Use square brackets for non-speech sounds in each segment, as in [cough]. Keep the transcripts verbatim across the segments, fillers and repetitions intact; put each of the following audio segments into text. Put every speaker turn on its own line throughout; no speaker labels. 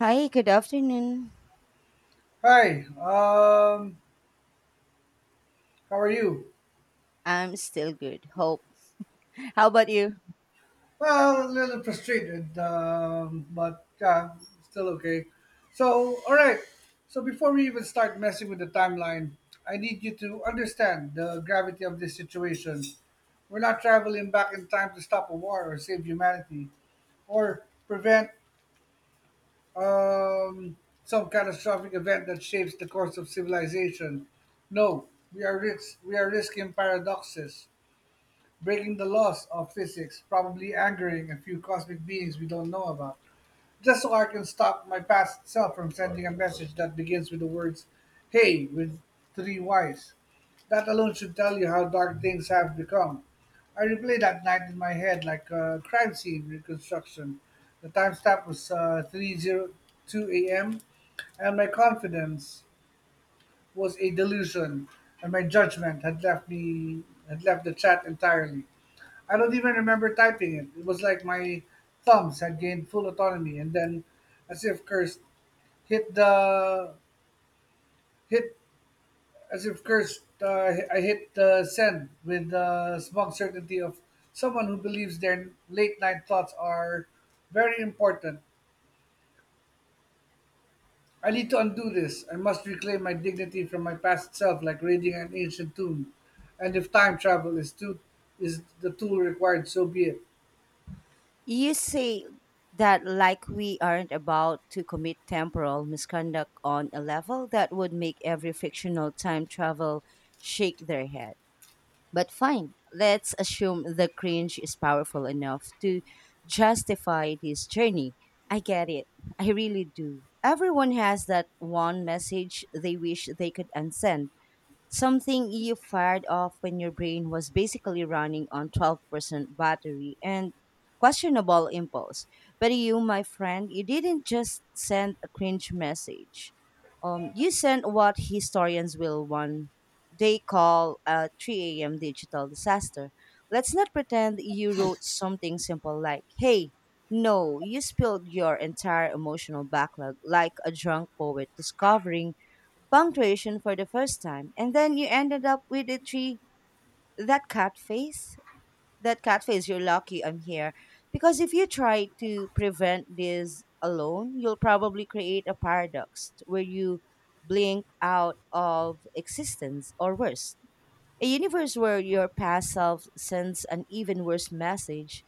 Hi, good afternoon.
Hi, um, how are you?
I'm still good. Hope. How about you?
Well, a little frustrated, um, but yeah, still okay. So, all right. So, before we even start messing with the timeline, I need you to understand the gravity of this situation. We're not traveling back in time to stop a war or save humanity or prevent um, some catastrophic event that shapes the course of civilization. No, we are, risk- we are risking paradoxes breaking the laws of physics, probably angering a few cosmic beings we don't know about, just so I can stop my past self from sending a message that begins with the words, "Hey," with three Y's. That alone should tell you how dark things have become. I replay that night in my head like a crime scene reconstruction. The timestamp was uh, three oh two a m, and my confidence was a delusion, and my judgment had left me had left the chat entirely. I don't even remember typing it. It was like my thumbs had gained full autonomy, and then, as if cursed, hit the hit as if cursed. Uh, I hit the send with the smug certainty of someone who believes their late night thoughts are very important. I need to undo this. I must reclaim my dignity from my past self, like reading an ancient tune. And if time travel is too is the tool required, so be it.
You say that like we aren't about to commit temporal misconduct on a level that would make every fictional time travel shake their head. But fine, let's assume the cringe is powerful enough to justify this journey. I get it. I really do. Everyone has that one message they wish they could unsend. Something you fired off when your brain was basically running on twelve percent battery and questionable impulse. But you, my friend, you didn't just send a cringe message. Um, you sent what historians will one day call a three a m digital disaster. Let's not pretend you wrote something simple like, hey. No, you spilled your entire emotional backlog like a drunk poet discovering punctuation for the first time, and then you ended up with a tree, that cat face. That cat face you're lucky I'm here, because if you try to prevent this alone, you'll probably create a paradox where you blink out of existence, or worse, a universe where your past self sends an even worse message.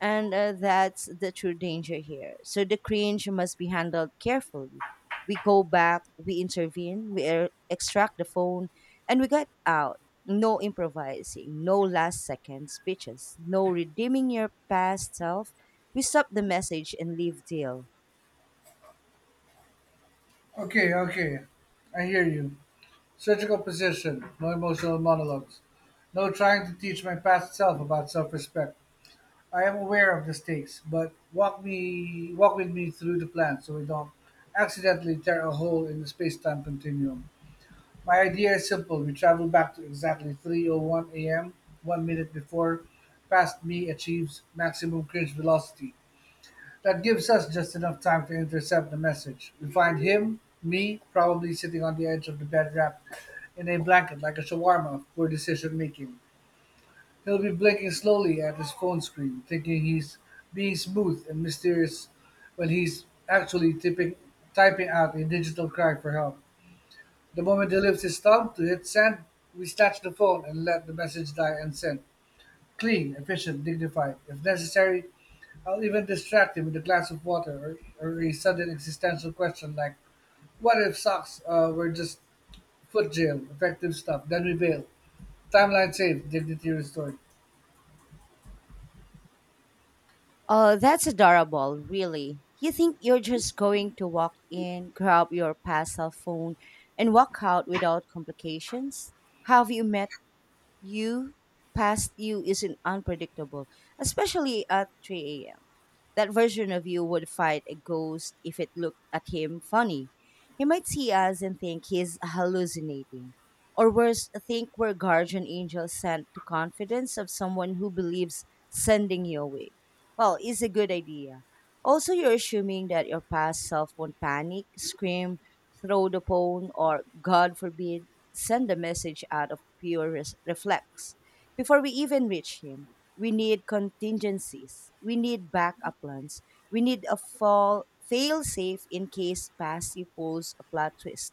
And uh, that's the true danger here. So the cringe must be handled carefully. We go back, we intervene, we er- extract the phone, and we get out. No improvising, no last second speeches, no redeeming your past self. We stop the message and leave. Deal.
Okay, okay, I hear you. Surgical position, no emotional monologues, no trying to teach my past self about self-respect. I am aware of the stakes, but walk me walk with me through the plan so we don't accidentally tear a hole in the space-time continuum. My idea is simple. We travel back to exactly three oh one a m, one a m, one minute before past me achieves maximum cringe velocity. That gives us just enough time to intercept the message. We find him, me, probably sitting on the edge of the bed wrapped in a blanket like a shawarma of poor decision making. He'll be blinking slowly at his phone screen, thinking he's being smooth and mysterious when he's actually tipping, typing out a digital cry for help. The moment he lifts his thumb to hit send, we snatch the phone and let the message die unsent. Clean, efficient, dignified. If necessary, I'll even distract him with a glass of water or, or a sudden existential question like, what if socks uh, were just foot jail, effective stuff, then we bail. Timeline saved, dignity restored.
Oh, that's adorable, really. You think you're just going to walk in, grab your pass cell phone, and walk out without complications? Have you met you? Past you isn't unpredictable, especially at three a m. That version of you would fight a ghost if it looked at him funny. He might see us and think he's hallucinating. Or worse, think we're guardian angels sent to confidence of someone who believes sending you away. Well, it's a good idea. Also, you're assuming that your past self won't panic, scream, throw the phone, or, God forbid, send a message out of pure res- reflex. Before we even reach him, we need contingencies, we need backup plans, we need a fall fail safe in case Patsy pulls a plot twist.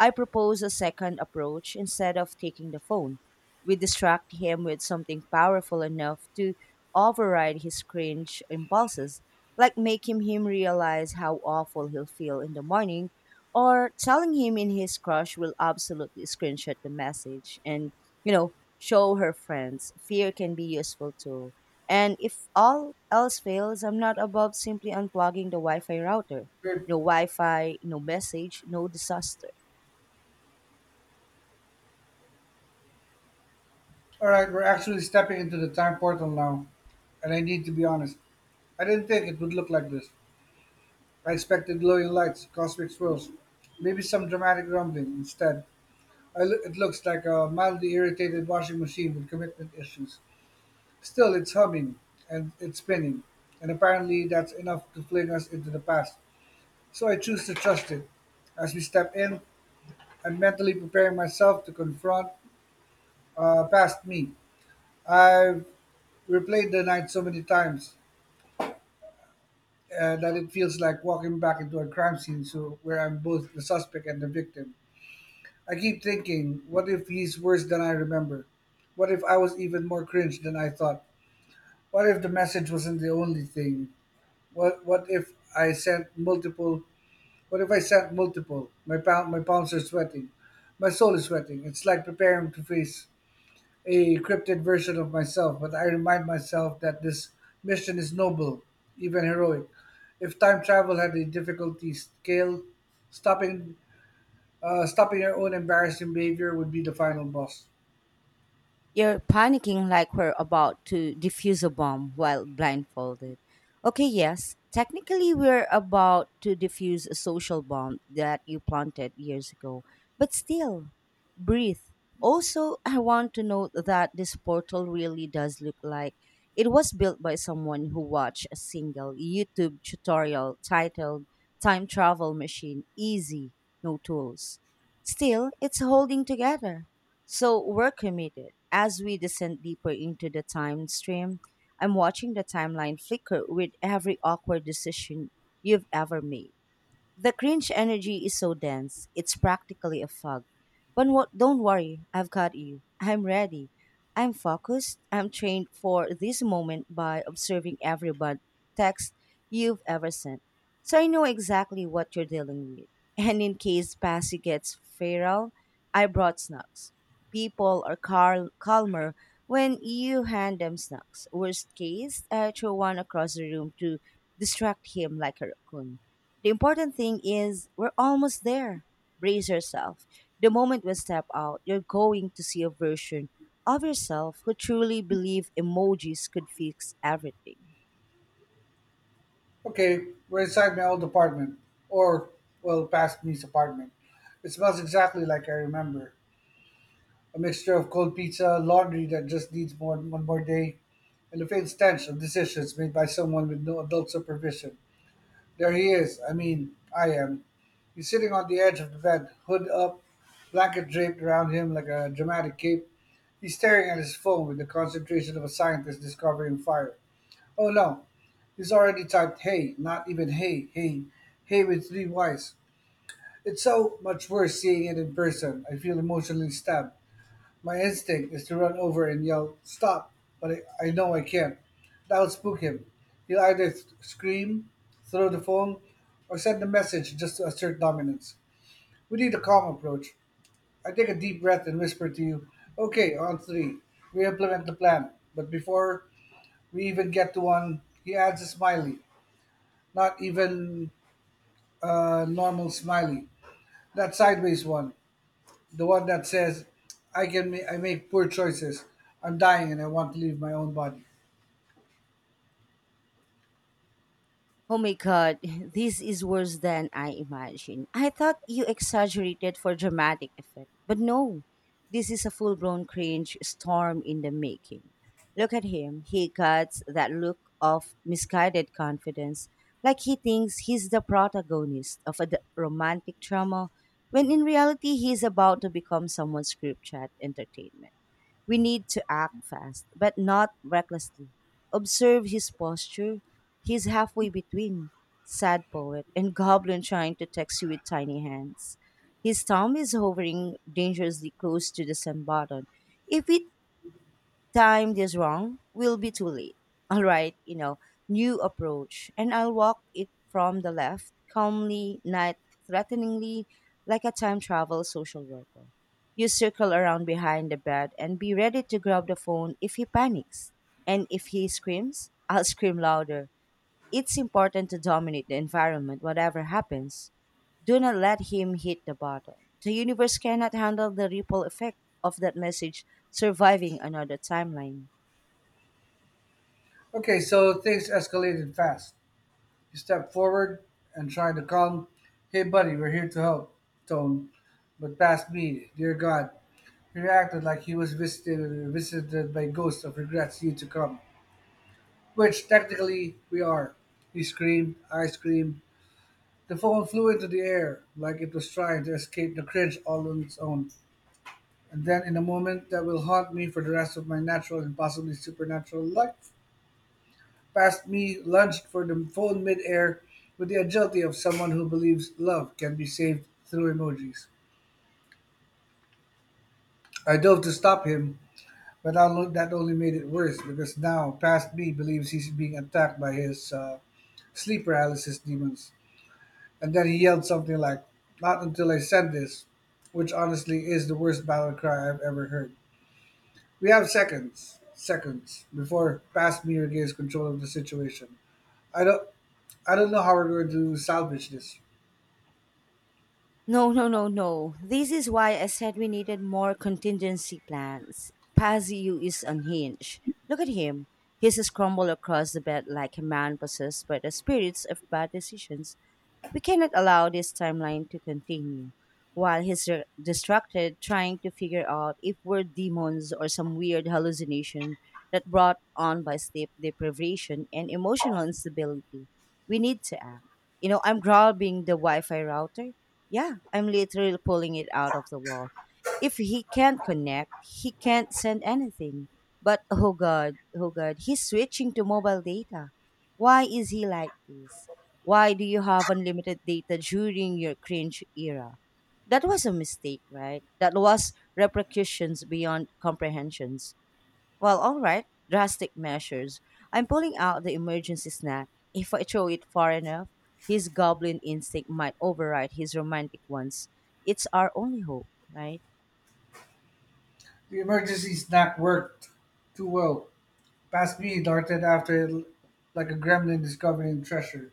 I propose a second approach. Instead of taking the phone, we distract him with something powerful enough to override his cringe impulses, like making him realize how awful he'll feel in the morning, or telling him in his crush will absolutely screenshot the message and you know show her friends. Fear can be useful too. And if all else fails, I'm not above simply unplugging the Wi-Fi router.
Good.
No Wi-Fi, no message, no disaster.
All right, we're actually stepping into the time portal now, and I need to be honest. I didn't think it would look like this. I expected glowing lights, cosmic swirls, maybe some dramatic rumbling. Instead, I loo- it looks like a mildly irritated washing machine with commitment issues. Still, it's humming, and it's spinning, and apparently that's enough to fling us into the past, so I choose to trust it. As we step in, I'm mentally preparing myself to confront uh, past me. I've replayed the night so many times uh, that it feels like walking back into a crime scene so, where I'm both the suspect and the victim. I keep thinking, what if he's worse than I remember? What if I was even more cringe than I thought? What if the message wasn't the only thing What what if I sent multiple? What if I sent multiple? My palm, my palms are sweating, my soul is sweating. It's like preparing to face a cryptid version of myself. But I remind myself that this mission is noble, even heroic. If time travel had a difficulty scale, stopping uh, stopping your own embarrassing behavior would be the final boss.
You're panicking like we're about to defuse a bomb while blindfolded. Okay, yes, technically we're about to defuse a social bomb that you planted years ago, but still, breathe. Also, I want to note that this portal really does look like it was built by someone who watched a single YouTube tutorial titled "Time Travel Machine Easy, No Tools." Still, it's holding together, so we're committed. As we descend deeper into the time stream, I'm watching the timeline flicker with every awkward decision you've ever made. The cringe energy is so dense, it's practically a fog. But wo- don't worry, I've got you. I'm ready. I'm focused. I'm trained for this moment by observing every bud text you've ever sent. So I know exactly what you're dealing with. And in case Passy gets feral, I brought snacks. People are cal- calmer when you hand them snacks. Worst case, I throw one across the room to distract him like a raccoon. The important thing is we're almost there. Brace yourself. The moment we step out, you're going to see a version of yourself who truly believe emojis could fix everything.
Okay, we're inside my old apartment, or well, past me's apartment. It smells exactly like I remember: a mixture of cold pizza, laundry that just needs more one more day, and a faint stench of decisions made by someone with no adult supervision. There he is. I mean, I am. He's sitting on the edge of the bed, hood up, blanket draped around him like a dramatic cape. He's staring at his phone with the concentration of a scientist discovering fire. Oh no, he's already typed hey, not even hey, hey, hey with three Y's. It's so much worse seeing it in person. I feel emotionally stabbed. My instinct is to run over and yell, "Stop!" But I, I know I can't. That will spook him. He'll either th- scream, throw the phone, or send a message just to assert dominance. We need a calm approach. I take a deep breath and whisper to you, "Okay, on three. We implement the plan." But before we even get to one, he adds a smiley. Not even a normal smiley. That sideways one, the one that says i can ma- I make poor choices. I'm dying and I want to leave my own body.
Oh my God, [laughs] this is worse than I imagined. I thought you exaggerated for dramatic effect, but no, this is a full blown cringe storm in the making. Look at him, he got that look of misguided confidence, like he thinks he's the protagonist of a d- romantic drama, when in reality he's about to become someone's group chat entertainment. We need to act fast, but not recklessly. Observe his posture. He's halfway between sad poet and [laughs] goblin trying to text you with tiny hands. His thumb is hovering dangerously close to the send button. If it time this wrong will be too late. [laughs] All right, you know, new approach. And I'll walk it from the left, calmly, not threateningly, like a time travel social worker. You circle around behind the bed and be ready to grab the phone if he panics. And if he screams, I'll scream louder. It's important to dominate the environment, whatever happens. Do not let him hit the button. The universe cannot handle the ripple effect of that message surviving another timeline.
Okay, so things escalated fast. He stepped forward and tried to calm, "Hey buddy, we're here to help" tone. But past me, dear god, he reacted like he was visited visited by ghosts of regrets yet to come, which technically we are. He screamed, I screamed. The phone flew into the air like it was trying to escape the cringe all on its own. And then in a moment that will haunt me for the rest of my natural and possibly supernatural life. Past me lunged for the phone midair with the agility of someone who believes love can be saved through emojis. I dove to stop him, but that lo- that only made it worse because now past me believes he's being attacked by his uh, sleep paralysis demons. And then he yelled something like, "Not until I send this," which honestly is the worst battle cry I've ever heard. We have seconds, seconds before Past Fastmere gains control of the situation. I don't, I don't know how we're going to salvage this.
No, no, no, no. This is why I said we needed more contingency plans. Paziu is unhinged. Look at him. He's scrambled across the bed like a man possessed by the spirits of bad decisions. We cannot allow this timeline to continue while he's r- distracted trying to figure out if we're demons or some weird hallucination that brought on by sleep deprivation and emotional instability. We need to act. You know, I'm grabbing the Wi Fi router. Yeah, I'm literally pulling it out of the wall. If he can't connect, he can't send anything. But oh God, oh God, he's switching to mobile data. Why is he like this? Why do you have unlimited data during your cringe era? That was a mistake, right? That was repercussions beyond comprehensions. Well, all right, drastic measures. I'm pulling out the emergency snack. If I throw it far enough, his goblin instinct might override his romantic ones. It's our only hope, right?
The emergency snack worked too well. Past Me darted after it like a gremlin discovering treasure.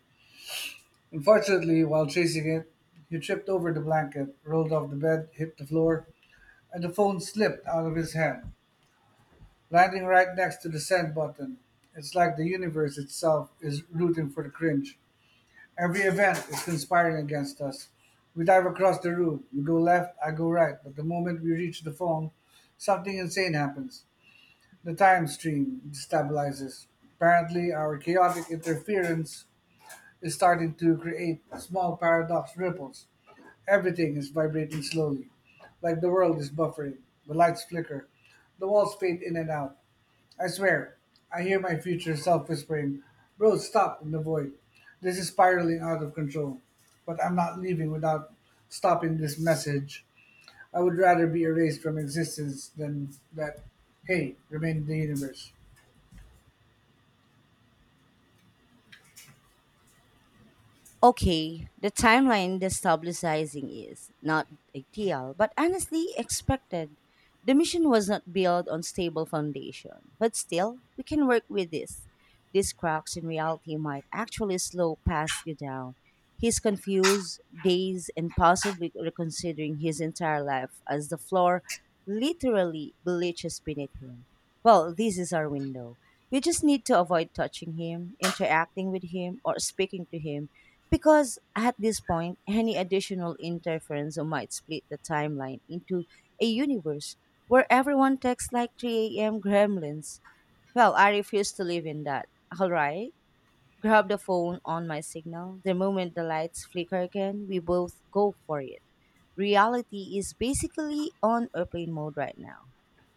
Unfortunately, while chasing it, he tripped over the blanket, rolled off the bed, hit the floor, and the phone slipped out of his hand, landing right next to the send button. It's like the universe itself is rooting for the cringe. Every event is conspiring against us. We dive across the room. You go left, I go right. But the moment we reach the phone, something insane happens. The time stream destabilizes. Apparently, our chaotic interference is starting to create small paradox ripples. Everything is vibrating slowly, like the world is buffering. The lights flicker. The walls fade in and out. I swear, I hear my future self whispering, "Bro, stop" in the void. This is spiraling out of control. But I'm not leaving without stopping this message. I would rather be erased from existence than that "hey" remain in the universe.
Okay, the timeline destabilizing is not ideal, but honestly expected. The mission was not built on stable foundation, but still, we can work with this. These cracks in reality might actually slow past you down. He's confused, dazed, and possibly reconsidering his entire life as the floor literally bleaches beneath him. Well, this is our window. We just need to avoid touching him, interacting with him, or speaking to him, because at this point, any additional interference might split the timeline into a universe where everyone texts like three a m gremlins. Well, I refuse to live in that. All right. Grab the phone on my signal. The moment the lights flicker again, we both go for it. Reality is basically on airplane mode right now.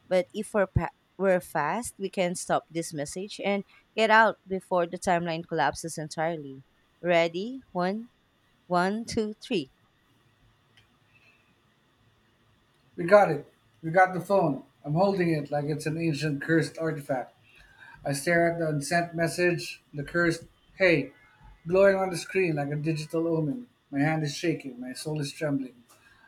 But if we're, pa- we're fast, we can stop this message and get out before the timeline collapses entirely. Ready? One, one, two, three.
We got it. We got the phone. I'm holding it like it's an ancient cursed artifact. I stare at the unsent message, the cursed "hey" glowing on the screen like a digital omen. My hand is shaking, my soul is trembling.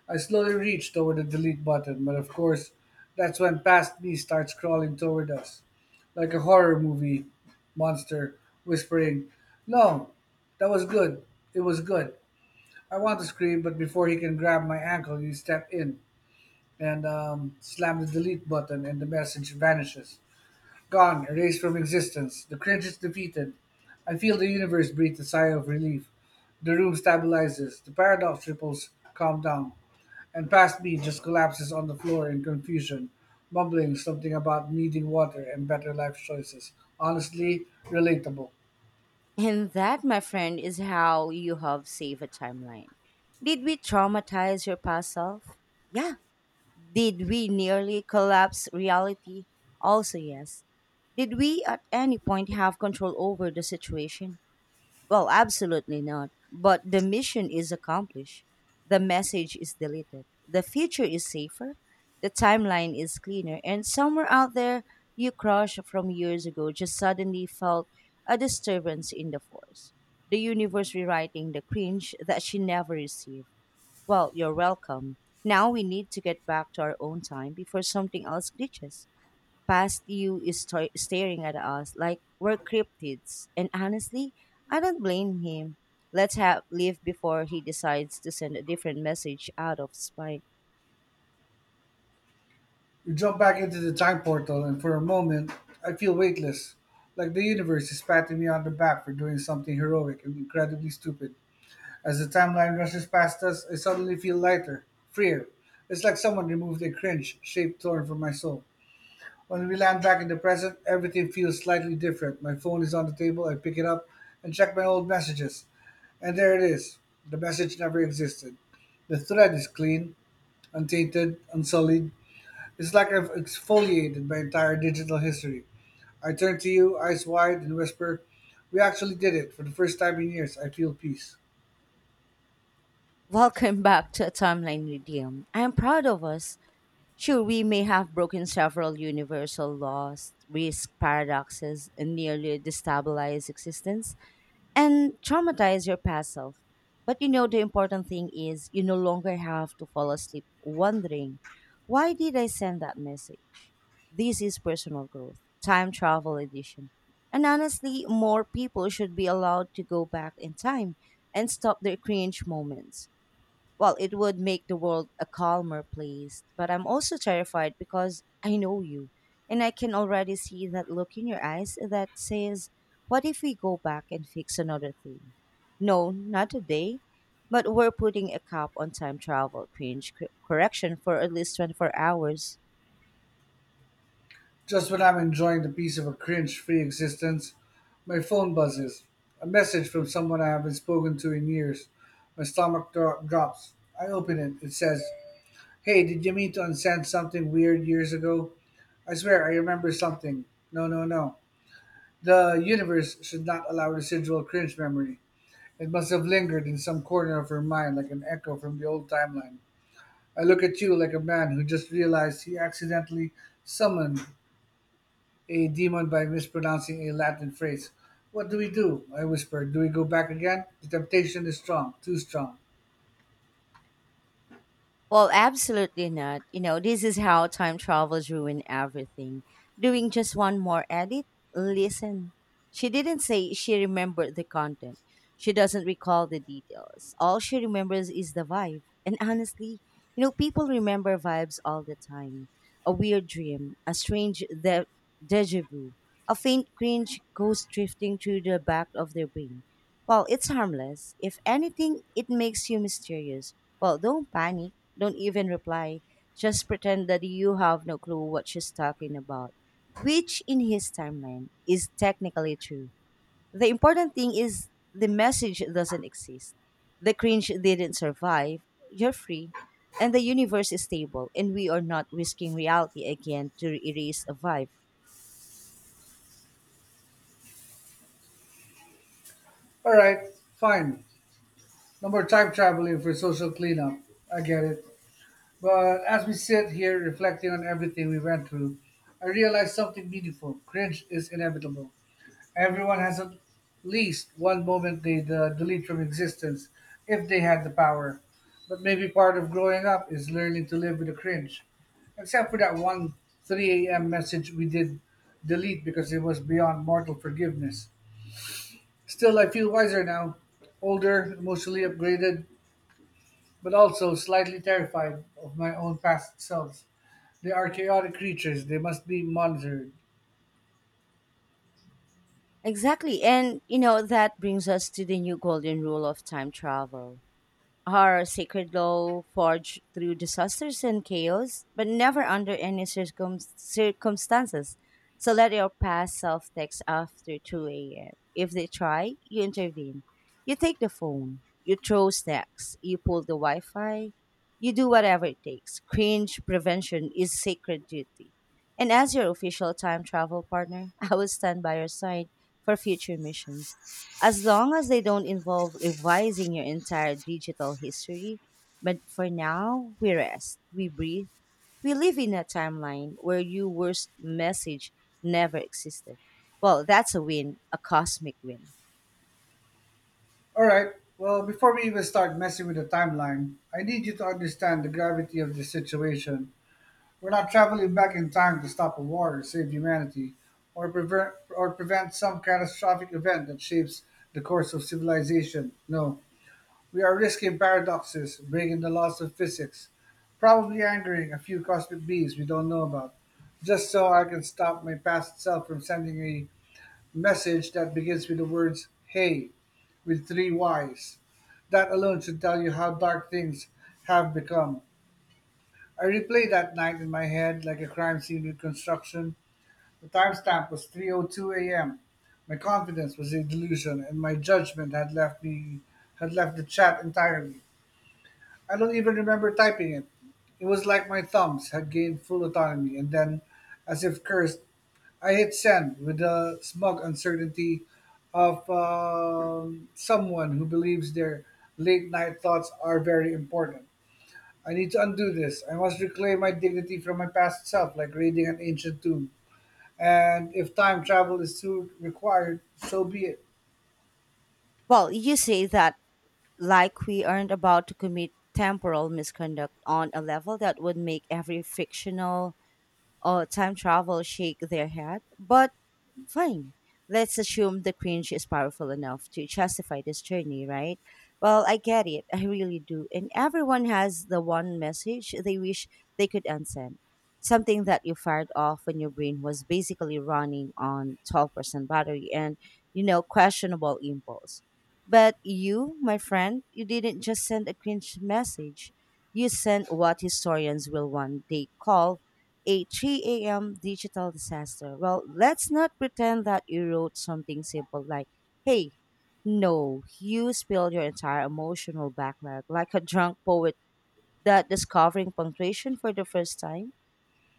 I slowly reach toward the delete button, but of course, that's when past me starts crawling toward us, like a horror movie monster whispering, "No, that was good. It was good." I want to scream, but before he can grab my ankle, you step in and um, slam the delete button, and the message vanishes. Gone, erased from existence. The cringe is defeated. I feel the universe breathe a sigh of relief. The room stabilizes. The paradox ripples calm down and past me just collapses on the floor in confusion, mumbling something about needing water and better life choices. Honestly, relatable.
And that, my friend, is how you have saved a timeline. Did we traumatize your past self? Yeah. Did we nearly collapse reality? Also, yes. Did we at any point have control over the situation? Well, absolutely not. But the mission is accomplished. The message is deleted. The future is safer. The timeline is cleaner. And somewhere out there, you crush from years ago just suddenly felt a disturbance in the force. The universe rewriting the cringe that she never received. Well, you're welcome. Now we need to get back to our own time before something else glitches. Past you is star- staring at us like we're cryptids. And honestly, I don't blame him. Let's have leave before he decides to send a different message out of spite.
We jump back into the time portal, and for a moment, I feel weightless, like the universe is patting me on the back for doing something heroic and incredibly stupid. As the timeline rushes past us, I suddenly feel lighter, freer. It's like someone removed a cringe shaped thorn from my soul. When we land back in the present, everything feels slightly different. My phone is on the table, I pick it up and check my old messages. And there it is. The message never existed. The thread is clean, untainted, unsullied. It's like I've exfoliated my entire digital history. I turn to you, eyes wide, and whisper, "We actually did it." For the first time in years, I feel peace.
[laughs] Welcome back to a timeline redeem. I am proud of us. Sure, we may have broken several universal laws, risk paradoxes, and nearly destabilized existence, and traumatize your past self. But you know, the important thing is you no longer have to fall asleep wondering, why did I send that message? This is personal growth, time travel edition. And honestly, more people should be allowed to go back in time and stop their cringe moments. Well, it would make the world a calmer place. But I'm also terrified because I know you. And I can already see that look in your eyes that says, what if we go back and fix another thing? No, not today. But we're putting a cap on time travel cringe cor- correction for at least twenty-four hours.
Just when I'm enjoying the peace of a cringe free existence, my phone buzzes. A message from someone I haven't spoken to in years. My stomach dro- drops. I open it. It says, "Hey, did you mean to unsend something weird years ago? I swear I remember something." No, no, no. The universe should not allow residual cringe memory. It must have lingered in some corner of her mind like an echo from the old timeline. I look at you like a man who just realized he accidentally summoned a demon by mispronouncing a Latin phrase. What do we do? I whispered. Do we go back again? The temptation is strong, too strong.
Well, absolutely not. You know, this is how time travels ruin everything. Doing just one more edit? Listen, she didn't say she remembered the content. She doesn't recall the details. All she remembers is the vibe. And honestly, you know, people remember vibes all the time. A weird dream, a strange de- deja vu, a faint cringe goes drifting through the back of their brain. Well, it's harmless. If anything, it makes you mysterious. Well, don't panic. Don't even reply. Just pretend that you have no clue what she's talking about, which in his timeline is technically true. The important thing is the message doesn't exist. The cringe didn't survive. You're free. And the universe is stable, and we are not risking reality again to erase a vibe.
All right, fine. No more time traveling for social cleanup. I get it. But as we sit here reflecting on everything we went through, I realize something meaningful. Cringe is inevitable. Everyone has at least one moment they'd uh, delete from existence if they had the power. But maybe part of growing up is learning to live with the cringe. Except for that one three a m message we did delete because it was beyond mortal forgiveness. Still, I feel wiser now, older, emotionally upgraded, but also slightly terrified of my own past selves. They are chaotic creatures, they must be monitored.
Exactly. And, you know, that brings us to the new golden rule of time travel. Her sacred law forged through disasters and chaos, but never under any circum- circumstances. So let your past self text after two a m. If they try, you intervene. You take the phone. You throw snacks. You pull the Wi Fi. You do whatever it takes. Cringe prevention is sacred duty. And as your official time travel partner, [laughs] I will stand by your side for future missions as long as they don't involve revising your entire digital history. But for now, we rest, we breathe, we live in a timeline where your worst message never existed. Well, that's a win, a cosmic win.
All right. Well, before we even start messing with the timeline, I need you to understand the gravity of the situation. We're not traveling back in time to stop a war or save humanity, or prevent or prevent some catastrophic event that shapes the course of civilization. No, we are risking paradoxes, breaking the laws of physics, probably angering a few cosmic beings we don't know about, just so I can stop my past self from sending a message that begins with the words hey with three Y's. That alone should tell you how dark things have become. I replay that night in my head like a crime scene reconstruction. The timestamp was three oh two a m. My confidence was a delusion, and my judgment had left me had left the chat entirely. I don't even remember typing it. It was like my thumbs had gained full autonomy, and then, as if cursed, I hit send with the smug uncertainty of um, someone who believes their late night thoughts are very important. I need to undo this. I must reclaim my dignity from my past self, like reading an ancient tomb. And if time travel is too required, so be it.
Well, you say that like we aren't about to commit temporal misconduct on a level that would make every fictional or time travel shake their head, but fine. Let's assume the cringe is powerful enough to justify this journey, right? Well, I get it. I really do. And everyone has the one message they wish they could unsend. Something that you fired off when your brain was basically running on twelve percent battery and, you know, questionable impulse. But you, my friend, you didn't just send a cringe message. You sent what historians will one day call a three a m digital disaster. Well, let's not pretend that you wrote something simple like, hey, no, you spilled your entire emotional backlog like a drunk poet that discovering punctuation for the first time.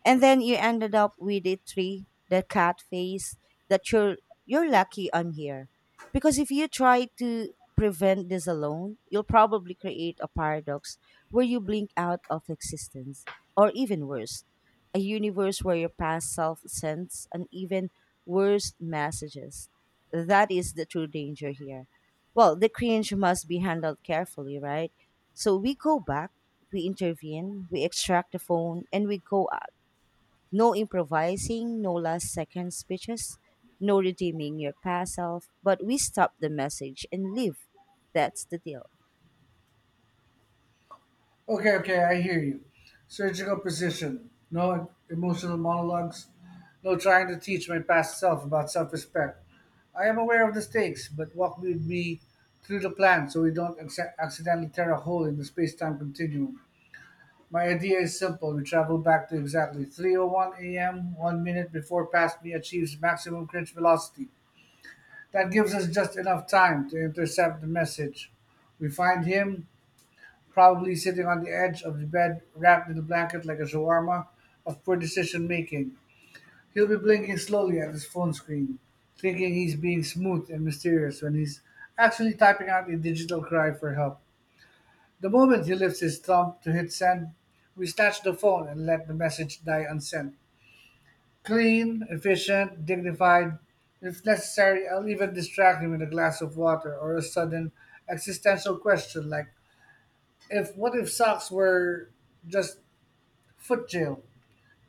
And then you ended up with the tree, the cat face, that you're you're lucky I'm here. Because if you try to prevent this alone, you'll probably create a paradox where you blink out of existence. Or even worse, a universe where your past self sends an even worse messages. That is the true danger here. Well, the cringe must be handled carefully, right? So we go back, we intervene, we extract the phone, and we go no improvising, no last second speeches, no redeeming your past self, but we stop the message and leave. That's the deal.
Okay, okay, I hear you. Surgical precision. No emotional monologues. No trying to teach my past self about self respect. I am aware of the stakes, but walk with me through the plan so we don't acc- accidentally tear a hole in the space time continuum. My idea is simple. We travel back to exactly three oh one a m, one a m, one minute before past me achieves maximum cringe velocity. That gives us just enough time to intercept the message. We find him, probably sitting on the edge of the bed, wrapped in a blanket like a shawarma of poor decision making. He'll be blinking slowly at his phone screen, thinking he's being smooth and mysterious when he's actually typing out a digital cry for help. The moment he lifts his thumb to hit send, we snatch the phone and let the message die unsent. Clean, efficient, dignified. If necessary, I'll even distract him with a glass of water or a sudden existential question like, if what if socks were just foot jail.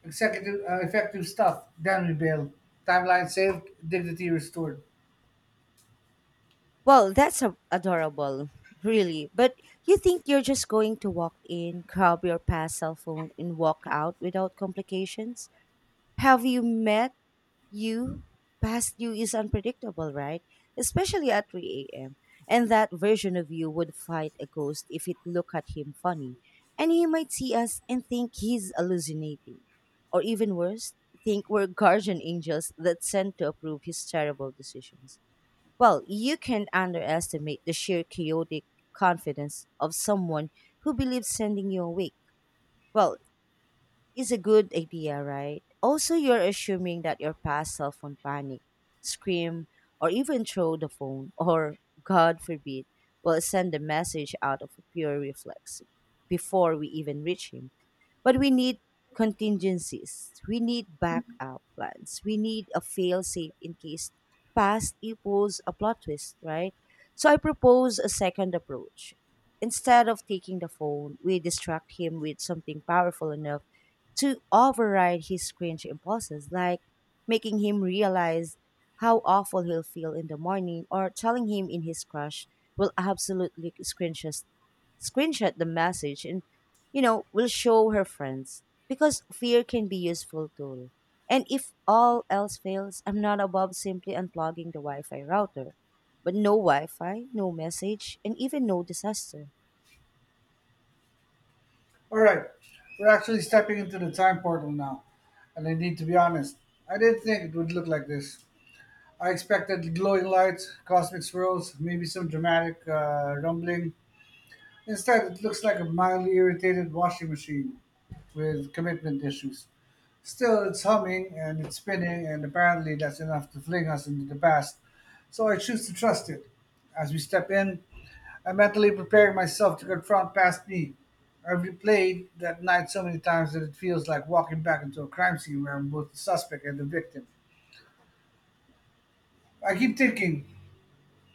Executive, uh, effective stuff. Damn bail. Timeline saved. Dignity restored.
Well, that's a- adorable, really. But you think you're just going to walk in, grab your past cell phone, and walk out without complications? Have you met you? Past you is unpredictable, right, especially at three a.m., and that version of you would fight a ghost if it looked at him funny. And he might see us and think he's hallucinating, or even worse, think we're guardian angels that sent to approve his terrible decisions. Well, you can underestimate the sheer chaotic confidence of someone who believes sending you awake, well, is a good idea, right? Also, you're assuming that your past self will panic, scream, or even throw the phone, [laughs] or God forbid, will send the message out of pure reflex before we even reach him. But we need contingencies, we need backup plans, we need a fail safe in case past equals a plot twist, right? So I propose a second approach. Instead of taking the phone, we distract him with something powerful enough to override his cringe impulses, like making him realize how awful he'll feel in the morning or telling him in his crush will absolutely screenshot, screenshot the message and, you know, will show her friends. Because fear can be useful tool. And if all else fails, I'm not above simply unplugging the Wi-Fi router. But no Wi-Fi, no message, and even no disaster.
All right, we're actually stepping into the time portal now, and I need to be honest. I didn't think it would look like this. I expected glowing lights, cosmic swirls, maybe some dramatic uh, rumbling. Instead, it looks like a mildly irritated washing machine with commitment issues. Still, it's humming and it's spinning, and apparently that's enough to fling us into the past. So I choose to trust it. As we step in, I mentally prepare myself to confront past me. I've replayed that night so many times that it feels like walking back into a crime scene where I'm both the suspect and the victim. I keep thinking,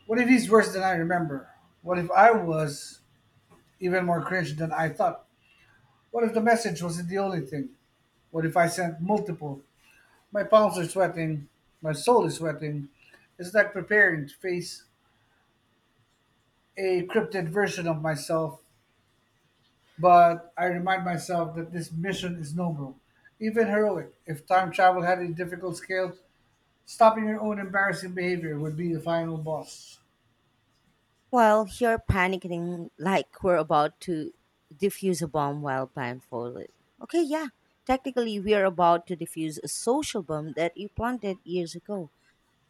what if he's worse than I remember? What if I was even more cringe than I thought? What if the message wasn't the only thing? What if I sent multiple? My palms are sweating. My soul is sweating. It's like preparing to face a cryptid version of myself, but I remind myself that this mission is noble, even heroic. If time travel had a difficult scale, stopping your own embarrassing behavior would be the final boss.
Well, you're panicking like we're about to defuse a bomb while blindfolded. Okay, yeah, technically we are about to defuse a social bomb that you planted years ago.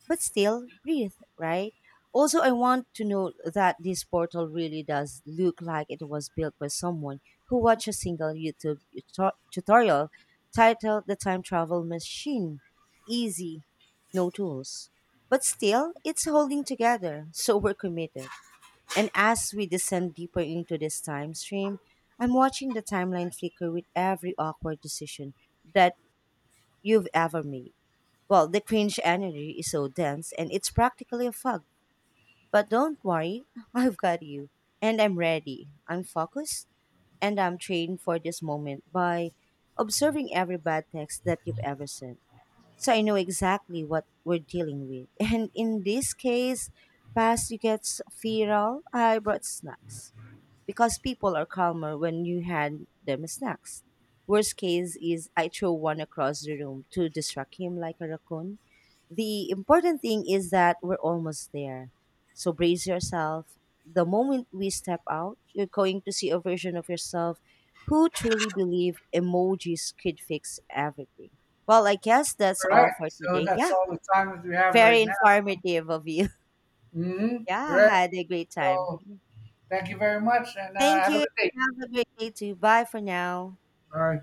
But still, breathe, right? Also, I want to note that this portal really does look like it was built by someone who watched a single YouTube tuto- tutorial titled The Time Travel Machine. Easy, no tools. But still, it's holding together, so we're committed. And as we descend deeper into this time stream, I'm watching the timeline flicker with every awkward decision that you've ever made. Well, the cringe energy is so dense and it's practically a fog. But don't worry, [laughs] I've got you. And I'm ready. I'm focused and I'm trained for this moment by observing every bad text that you've ever sent. So I know exactly what we're dealing with. [laughs] And in this case, past you get viral, I brought snacks because people are calmer when you hand them snacks. Worst case is I throw one across the room to distract him like a raccoon. The important thing is that we're almost there. So brace yourself. The moment we step out, you're going to see a version of yourself who truly believe emojis could fix everything. Well, I guess that's
All
all
right,
for
so
today.
that's
Yeah,
all the time that we have
very
right now.
informative of you. [laughs]
Mm-hmm.
Yeah, I
Correct.
had a great time.
So thank you very much and uh,
Thank
have a
you.
good day.
Have a great day too. Bye for now.
All right.